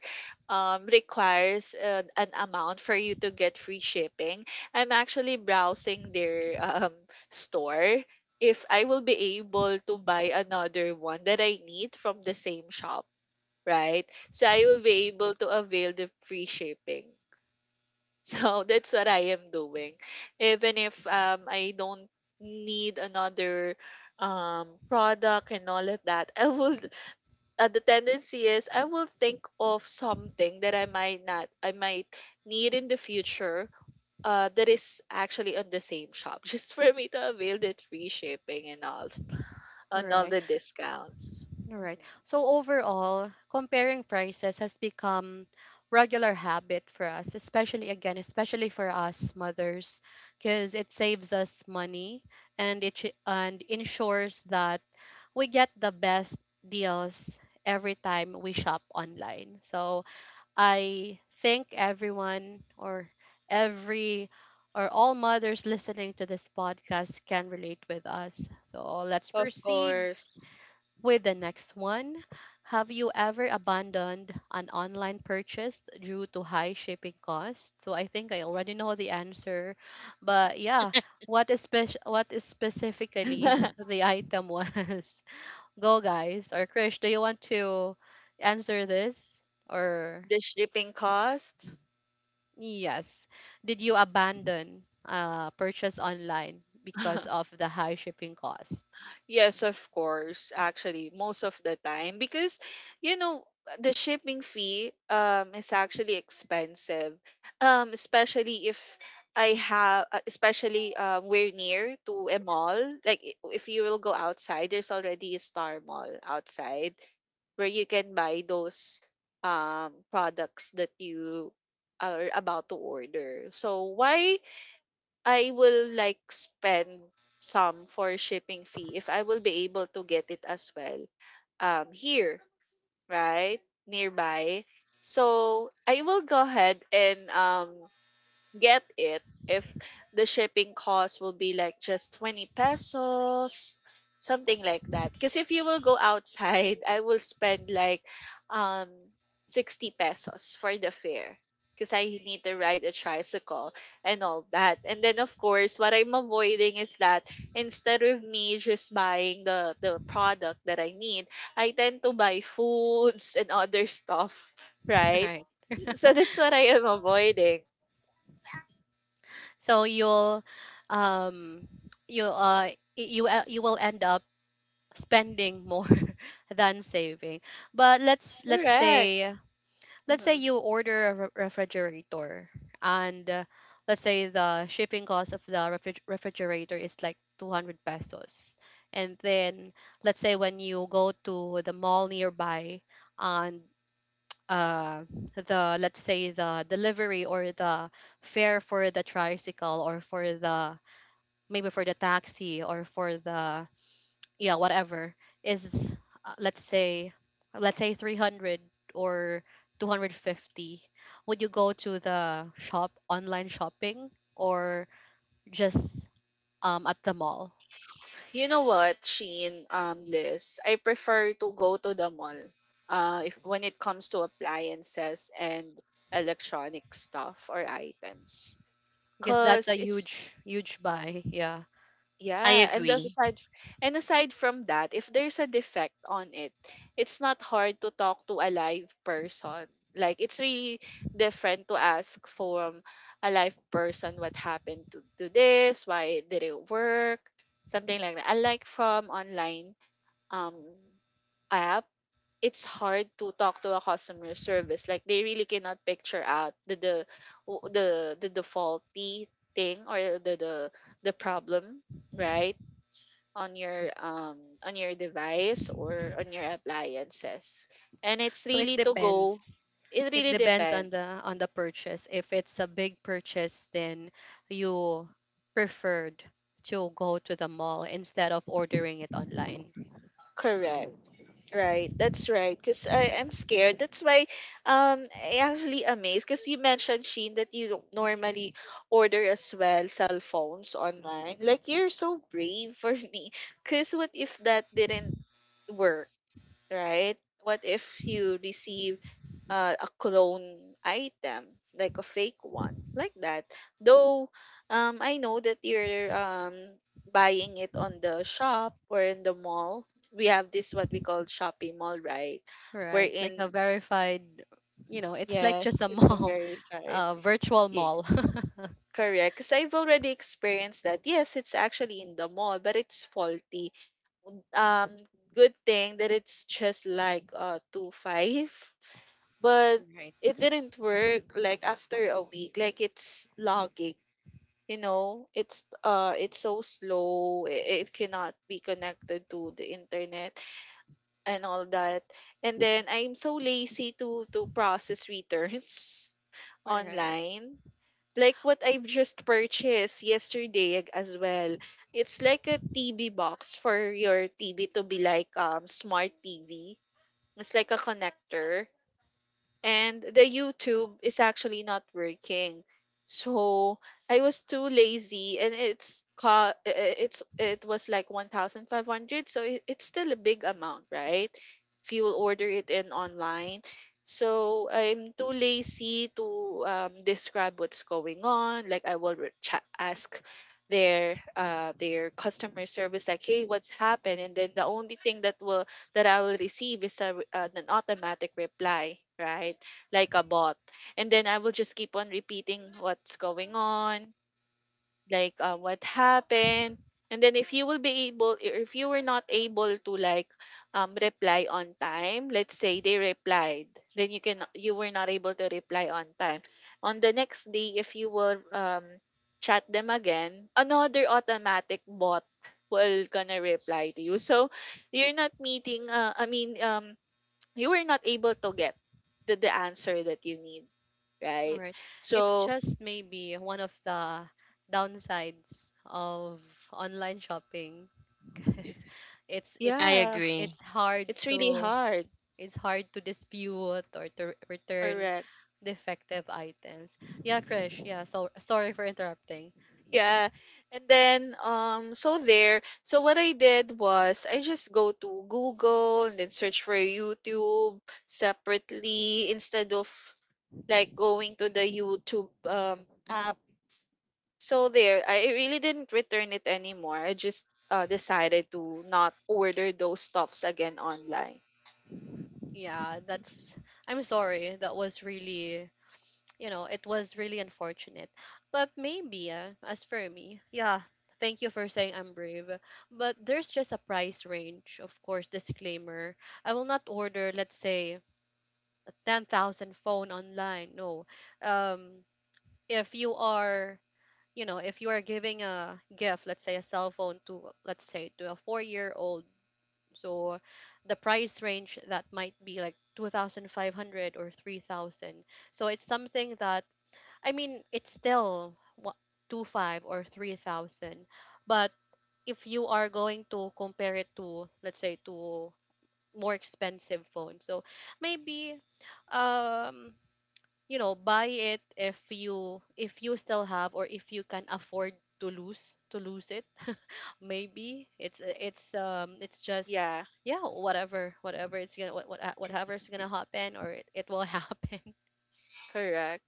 Speaker 2: requires an amount for you to get free shipping, I'm actually browsing their store if I will be able to buy another one that I need from the same shop, right? So I will be able to avail the free shipping. So that's what I am doing. Even if I don't need another product and all of that, I will, the tendency is, I will think of something that I might not, I might need in the future, that is actually on the same shop, just for me to avail that free shipping and all on all
Speaker 1: Right.
Speaker 2: the discounts.
Speaker 1: All right.
Speaker 2: Mhm.
Speaker 1: So overall, comparing prices has become regular habit for us, especially again, especially for us mothers, because it saves us money and ensures that we get the best deals every time we shop online. So I think everyone, or every, or all mothers listening to this podcast can relate with us. So let's
Speaker 2: Of
Speaker 1: proceed
Speaker 2: course.
Speaker 1: with the next one. Have you ever abandoned an online purchase due to high shipping costs? So I think I already know the answer, but yeah, what is specifically
Speaker 2: The
Speaker 1: the item was? Go, guys, or Krish, do you want to answer this, or
Speaker 2: shipping cost.
Speaker 1: yes? Did you abandon purchase online because of the high shipping cost?
Speaker 2: Yes, of course. Actually, most of the time, because, you know the shipping fee is actually expensive. Especially if I have especially we're near to a mall. Like, if you will go outside, there's already a Star Mall outside where you can buy those products that you are about to order. So why I will like spend some for shipping fee if I will be able to get it as well here, right? Nearby. So I will go ahead and get it if the shipping cost will be like just 20 pesos, something like that. Because if you will go outside, I will spend like um 60 pesos for the fare, because I need to ride a tricycle and all that. And then, of course, what I'm avoiding is that, instead of me just buying the product that I need, I tend to buy foods and other stuff, right?
Speaker 1: Right.
Speaker 2: So that's what I am avoiding.
Speaker 1: So you'll um you y- you you will end up spending more than saving. But let's let's
Speaker 2: Correct.
Speaker 1: say let's say
Speaker 2: hmm
Speaker 1: you order a refrigerator, and, let's say the shipping cost of the refrigerator is like 200 pesos, and then let's say when you go to the mall nearby, and, uh the, let's say, the delivery, or the fare for the tricycle, or for the, maybe for the taxi, or for the, yeah, whatever is, uh, let's say let's say 300 or 250, would you go to the shop, online shopping, or just, at the mall?
Speaker 2: You know what, Sheen, Liz, I prefer to go to the mall. If when it comes to appliances and electronic stuff or items,
Speaker 1: Guess that's a
Speaker 2: cause it's...
Speaker 1: huge, huge buy, yeah.
Speaker 3: I
Speaker 2: Yeah, and as
Speaker 3: agree,
Speaker 2: aside and aside from that, if there's a defect on it, it's not hard to talk to a live person. Like, it's really different to ask from a live person what happened to this, why did it work, something like that. Unlike from online um, app, it's hard to talk to a customer service. Like, they really cannot picture out the faulty thing or the problem, right? On your, on your device or on your appliances. And it's
Speaker 1: So it
Speaker 2: really to go
Speaker 1: depends.
Speaker 2: it really
Speaker 1: On the
Speaker 2: depends.
Speaker 1: on the purchase. If it's a big purchase, then you preferred to go to the mall instead of ordering it online.
Speaker 2: Correct. Right, that's right. Because I'm scared. That's why I actually amazed because you mentioned, Sheen, that you don't normally order as well cell phones online. Like, you're so brave for me. Because what if that didn't work? Right? What if you receive a clone item, like a fake one, like that? Though, I know that you're buying it on the shop or in the mall. We have this what we call shopping mall, right?
Speaker 1: Right, like a
Speaker 2: Wherein,
Speaker 1: verified, it's like just
Speaker 2: yes,
Speaker 1: a
Speaker 2: it's a
Speaker 1: mall,
Speaker 2: very side.
Speaker 1: a virtual
Speaker 2: Yeah,
Speaker 1: mall.
Speaker 2: correct. Because I've already experienced that. Yes, it's actually in the mall, but it's faulty. Um, Good thing that it's just like two five, but
Speaker 1: Right,
Speaker 2: it didn't work, like, after a week. Like, it's lagging, it's so slow, it cannot be connected to the internet and all that. And then I'm so lazy to process returns
Speaker 1: right,
Speaker 2: online, like what I've just purchased yesterday, as well. It's like a TV box for your TV to be like, smart TV. It's like a connector, and the YouTube is actually not working. So I was too lazy, and it's co- it's it was like 1500, so, it's still a big amount, right? If you will order it in online. So I'm too lazy to, describe what's going on. Like, I will ask their customer service, like, hey, what's happened? And then the only thing that I will receive is an automatic reply, right? Like a bot. And then I will just keep on repeating what's going on, like, what happened. And then if you will be able if you were not able to, like, reply on time. Let's say they replied, then you were not able to reply on time. On the next day, if you will, chat them again, another automatic bot will gonna reply to you. So you're not meeting, I mean, you were not able to get the answer that you need,
Speaker 1: w-
Speaker 2: right?
Speaker 1: right. It's
Speaker 2: So,
Speaker 1: just maybe one of the downsides of online shopping, because it's
Speaker 3: I
Speaker 1: re-
Speaker 2: yeah,
Speaker 3: agree,
Speaker 1: it's hard
Speaker 2: it's really
Speaker 1: to,
Speaker 2: hard.
Speaker 1: dispute, or to return
Speaker 2: Correct.
Speaker 1: defective items. Yeah, Krish. Yeah, so sorry for interrupting.
Speaker 2: Yeah. And then so what I did was I just go to Google and then search for YouTube separately instead of, like, going to the YouTube app. So there, I really didn't return it anymore. I just, decided to not order those stuffs again online.
Speaker 1: Yeah, that's... I'm sorry, that was really, it was really unfortunate. But maybe, as for me, yeah, thank you for saying I'm brave. But there's just a price range, of course, disclaimer. I will not order, let's say, a 10,000 phone online. No. Um, if you are, giving a gift, let's say a cell phone to, let's say, to a 4-year-old old, so the price range that might be like 2,500 or 3,000. So it's something that, I mean, it's still what, two five or 3,000, but if you are going to compare it to, let's say, to more expensive phone, so maybe, um buy it, if you, still have, or if you can afford to lose, it. Maybe it's, it's just,
Speaker 2: Yeah,
Speaker 1: yeah, whatever it's gonna, whatever's gonna happen, or it will happen.
Speaker 2: correct.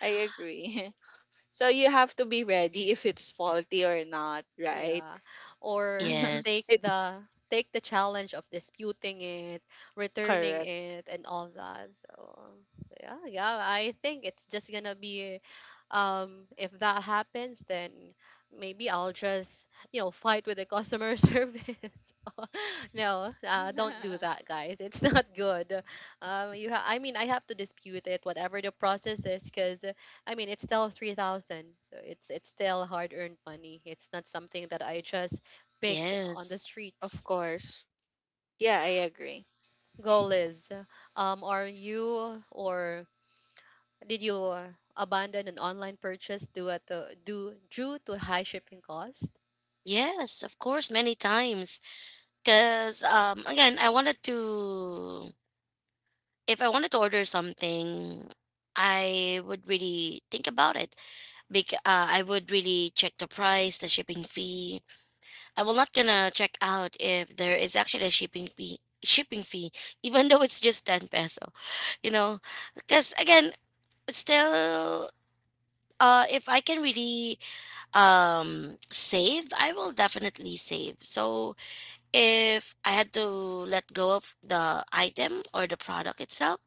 Speaker 2: I agree. So you have to be ready if it's faulty or not, right?
Speaker 1: Yeah. Or take
Speaker 3: yes,
Speaker 2: It's.
Speaker 1: the take the challenge of disputing it, returning
Speaker 2: Correct.
Speaker 1: it, and all that. So yeah, yeah, I think it's just gonna be, if that happens, then maybe I'll just, fight with the customer service. No, don't do that, guys. It's not good. I mean, I have to dispute it, whatever the process is, cuz I mean, it's still 3,000. So it's still hard-earned money. It's not something that I just pick on the
Speaker 3: yes,
Speaker 2: Of
Speaker 1: streets.
Speaker 2: course. Yeah, I agree.
Speaker 1: Goal is, are you, or did you, abandon an online purchase due at the, due, due to high shipping cost?
Speaker 3: yes, of course, many times. Because again, I wanted to if I wanted to order something, I would really think about it. I would really check the price, the shipping fee. I will not gonna check out if there is actually a shipping fee, even though it's just 10 peso. You know? Because again, still, if I can really save, I will definitely save. So if I had to let go of the item or the product itself,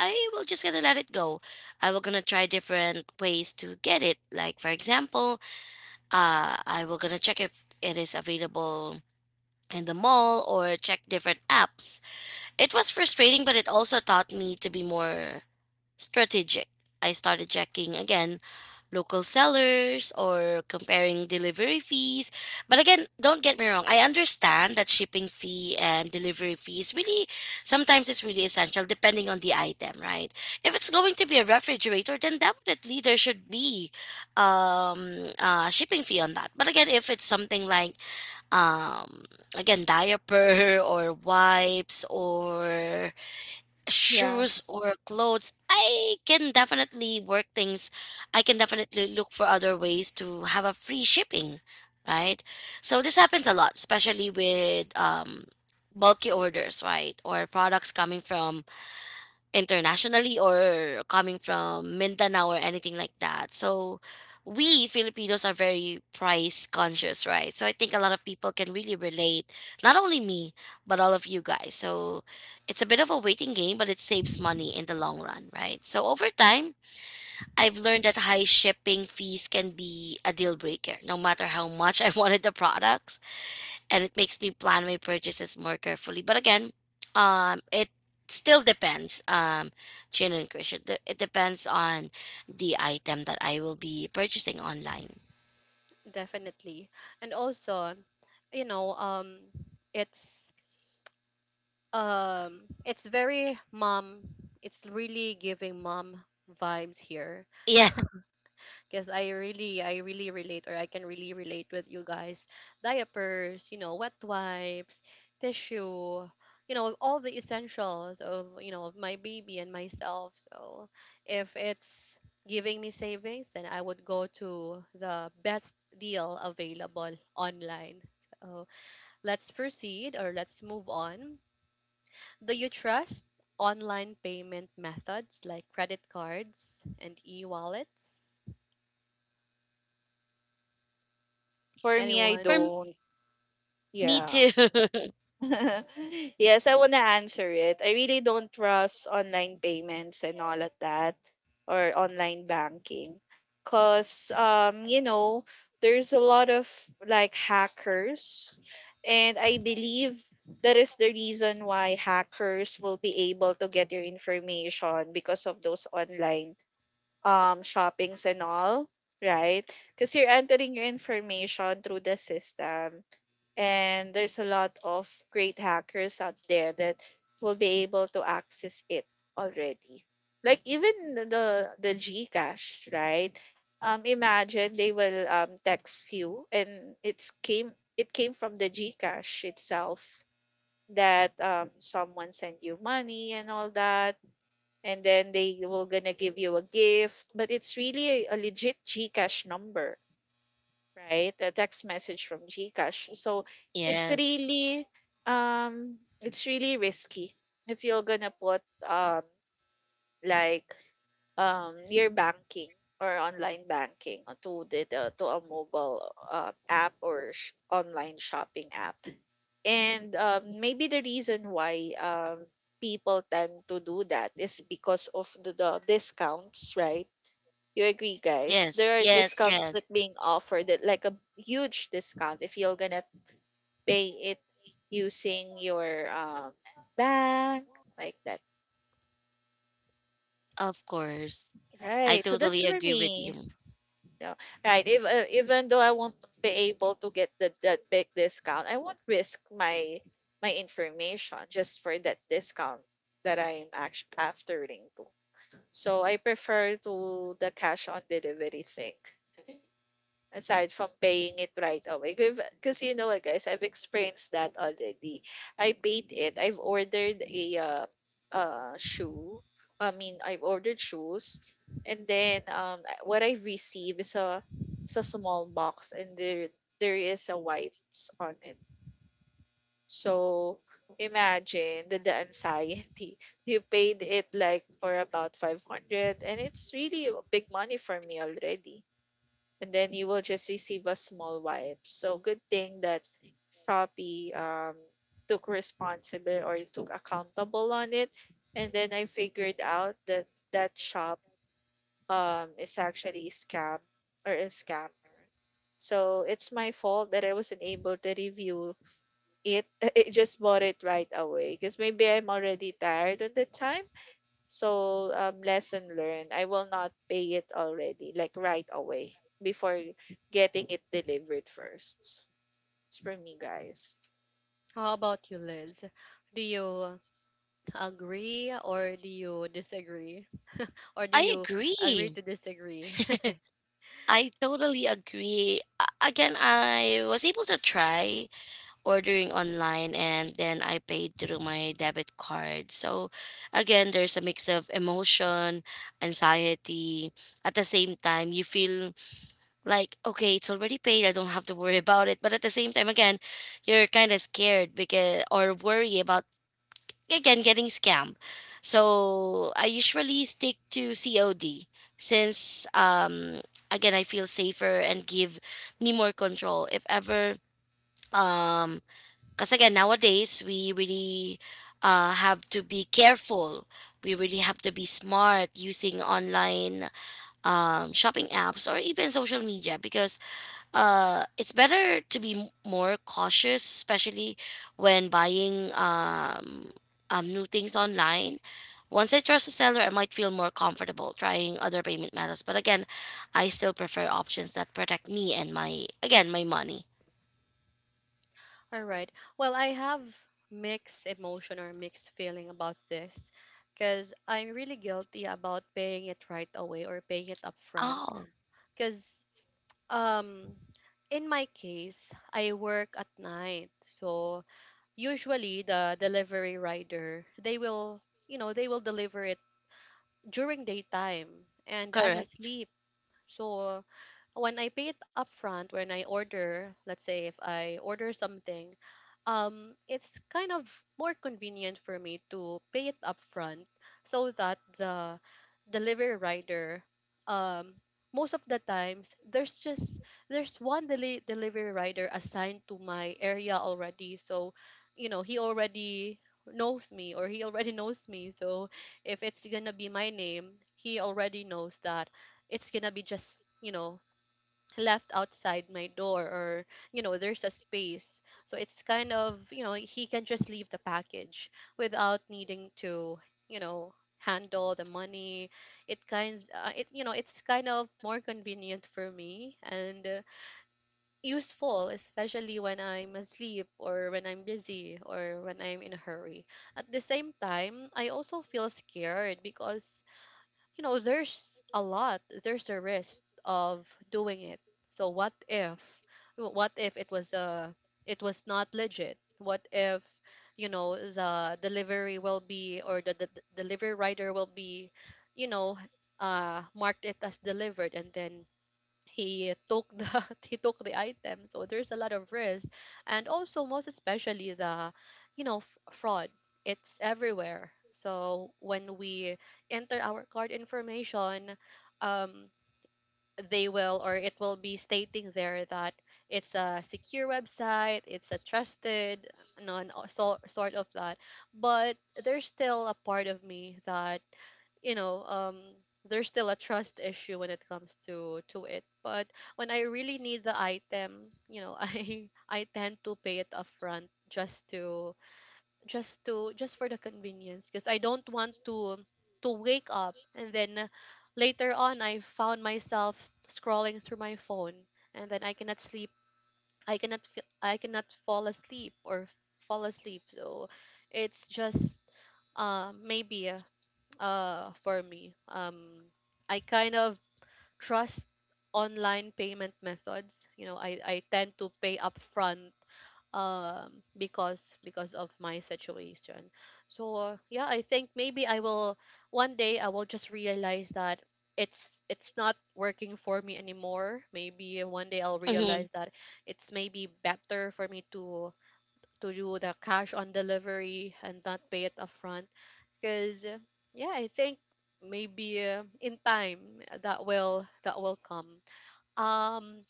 Speaker 3: I will just gonna let it go. I will gonna try different ways to get it. Like for example, I will gonna check if it is available in the mall or check different apps. It was frustrating, but it also taught me to be more strategic. I started checking again local sellers or comparing delivery fees. But again, don't get me wrong. I understand that shipping fee and delivery fees really sometimes it's really essential depending on the item, right? If it's going to be a refrigerator, then definitely there should be shipping fee on that. But again, if it's something like um again diaper or wipes or
Speaker 2: Yeah.
Speaker 3: shoes or clothes, I can definitely work things. I can definitely look for other ways to have a free shipping, right? So this happens a lot, especially with bulky orders, right? Or products coming from internationally or coming from Mindanao or anything like that. So we Filipinos are very price conscious, right? So I think a lot of people can really relate, not only me, but all of you guys. So it's a bit of a waiting game, but it saves money in the long run, right? So over time, I've learned that high shipping fees can be a deal breaker, no matter how much I wanted the products and it makes me plan my purchases more carefully. But again, it still depends, Chin and Krish. It depends on the item that I will be purchasing online.
Speaker 1: Definitely. And also, you know, um, it's, it's very mom. It's really giving mom vibes here,
Speaker 3: Yeah,
Speaker 1: because I really relate, or I can really relate with you guys. Diapers, wet wipes, tissue, all the essentials of, of my baby and myself. So if it's giving me savings, then I would go to the best deal available online. So let's proceed, or let's move on. Do you trust online payment methods like credit cards and e-wallets?
Speaker 2: For me, I
Speaker 3: for
Speaker 1: Anyone?
Speaker 3: m-
Speaker 2: don't.
Speaker 3: me
Speaker 2: Yeah.
Speaker 3: too.
Speaker 2: Yes, I want to answer it. I really don't trust online payments and all of that, or online banking. Because, there's a lot of like hackers. And I believe that is the reason why hackers will be able to get your information, because of those online shoppings and all, right? Because you're entering your information through the system, and there's a lot of great hackers out there that will be able to access it already. Like, even the GCash, right? Imagine, they will text you, and it came from the GCash itself that someone sent you money and all that, and then they will gonna give you a gift, but it's really a legit GCash number, right? A text message from GCash. So it's
Speaker 3: Yes,
Speaker 2: really, it's really risky if you're gonna put, um like, your banking or online banking to the to a mobile, app or online shopping app. And, maybe the reason why, people tend to do that is because of the discounts, right? You agree, guys?
Speaker 3: yes,
Speaker 2: There are
Speaker 3: yes,
Speaker 2: discounts
Speaker 3: yes.
Speaker 2: that being offered, that like a huge discount if you're gonna pay it using your, bank, like that,
Speaker 3: Of course, I
Speaker 2: right? So that's
Speaker 3: totally
Speaker 2: for
Speaker 3: agree with
Speaker 2: me.
Speaker 3: you.
Speaker 2: No. Right. If, even though I won't be able to get that big discount, I won't risk my information just for that discount that I'm actually aftering to. So I prefer to the cash on delivery thing, aside from paying it right away. Because, you know what, guys, I've experienced that already. I paid it. I've ordered a, shoe. I mean, I've ordered shoes, and then, what I have received is a, is a small box, and there is a wipes on it. So, imagine the anxiety. You paid it like for about 500, and it's really a big money for me already, and then you will just receive a small wipe. So, good thing that Shopee took responsible or took accountable on it. And then I figured out that that shop is actually a scam or a scammer. So, it's my fault that I wasn't able to review it. I just bought it right away because maybe I'm already tired at the time. So, lesson learned. I will not pay it already, like, right away, before getting it delivered first. It's for me, guys.
Speaker 1: How about you, Liz? Do you agree or do you disagree? Or do
Speaker 3: I
Speaker 1: you agree
Speaker 3: agree.
Speaker 1: to disagree?
Speaker 3: I totally agree. Again, I was able to try ordering online and then I paid through my debit card. So again, there's a mix of emotion, anxiety. At the same time, you feel like, okay, it's already paid, I don't have to worry about it, but at the same time, again, you're kind of scared because or worry about again getting scammed. So I usually stick to COD since again I feel safer and give me more control if ever, um because again nowadays we really have to be careful, we really have to be smart using online shopping apps or even social media because it's better to be more cautious, especially when buying new things online. Once I trust a seller, I might feel more comfortable trying other payment methods, but again, I still prefer options that protect me and my, again, my money.
Speaker 1: All right. Well, I have mixed emotion or mixed feeling about this, because I'm really guilty about paying it right away or paying it upfront.
Speaker 3: Oh,
Speaker 1: Because, um, in my case, I work at night, so usually the delivery rider, they will deliver it during daytime, and I'm
Speaker 3: correct.
Speaker 1: asleep. So when I pay it upfront, when I order, let's say if I order something, it's kind of more convenient for me to pay it upfront, so that the delivery rider, um, most of the times, there's one delivery rider assigned to my area already. So, he already knows me, or he already knows me. So if it's gonna be my name, he already knows that it's gonna be just, left outside my door, or, there's a space, so it's kind of, he can just leave the package without needing to, you know handle the money. It kinds, it, it's kind of more convenient for me, and, useful, especially when I'm asleep, or when I'm busy, or when I'm in a hurry. At the same time, I also feel scared, because, there's a risk of doing it. So what if it was not legit? What if, the delivery will be, or the delivery rider will be, you know, marked it as delivered, and then he took the he took the item, so there's a lot of risk. And also most especially the, fraud, it's everywhere. So when we enter our card information, um they will, or it will, be stating there that it's a secure website, it's a trusted, non, so, sort of that. But there's still a part of me that, you know um there's still a trust issue when it comes to it. But when I really need the item, I tend to pay it upfront, just to, just for the convenience, because I don't want to, wake up, and then later on I found myself scrolling through my phone, and then I cannot sleep, I cannot feel, I cannot fall asleep So it's just, maybe, for me, I kind of trust online payment methods. I tend to pay upfront, because, of my situation. So yeah, I think maybe, I will one day I will just realize that, it's not working for me anymore. Maybe one day I'll realize that it's maybe better for me to, do the cash on delivery and not pay it upfront. Because yeah, I think maybe, in time that will, come. um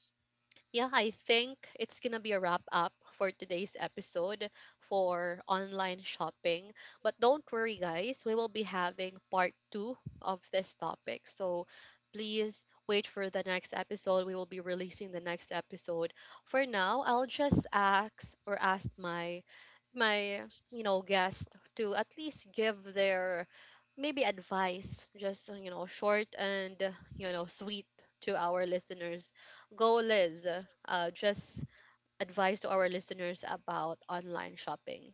Speaker 1: yeah, I think it's gonna be a wrap up for today's episode, for online shopping. But don't worry, guys, we will be having part two of this topic. So please wait for the next episode. We will be releasing the next episode. For now, I'll just ask, or ask my, my, guest to at least give their, maybe advice, just, short and, sweet, to our listeners. Go, Liz. Just advice to our listeners about online shopping.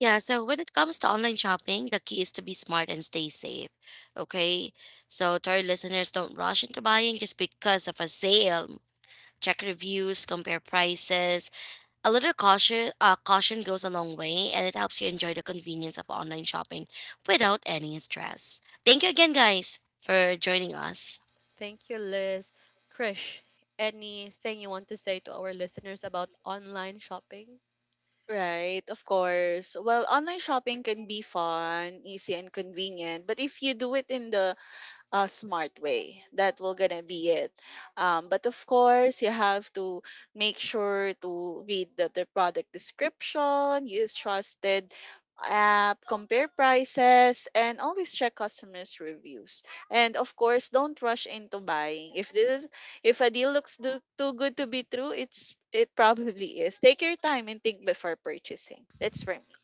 Speaker 3: Yeah, so when it comes to online shopping, the key is to be smart and stay safe. Okay? So, to our listeners, don't rush into buying just because of a sale. Check reviews, compare prices. A little caution, caution goes a long way, and it helps you enjoy the convenience of online shopping without any stress. Thank you again, guys, for joining us.
Speaker 1: Thank you, Liz. Krish, anything you want to say to our listeners about online shopping?
Speaker 2: Right, of course. Well, online shopping can be fun, easy, and convenient. But if you do it in the a smart way, that will gonna be it. But, of course, you have to make sure to read the product description, use trusted app, compare prices, and always check customers' reviews. And, of course, don't rush into buying. If a deal looks too good to be true, it probably is. Take your time and think before purchasing. That's for me.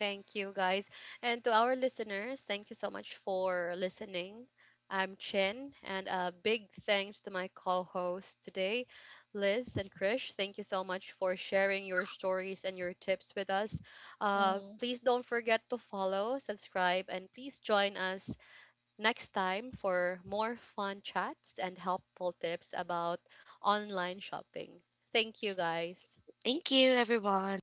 Speaker 1: Thank you, guys. And to our listeners, thank you so much for listening. I'm Chin, and a big thanks to my co hosts today, Liz and Krish. Thank you so much for sharing your stories and your tips with us.
Speaker 2: Mm-hmm.
Speaker 1: Please don't forget to follow, subscribe, and please join us next time for more fun chats and helpful tips about online shopping. Thank you, guys.
Speaker 3: Thank you, everyone.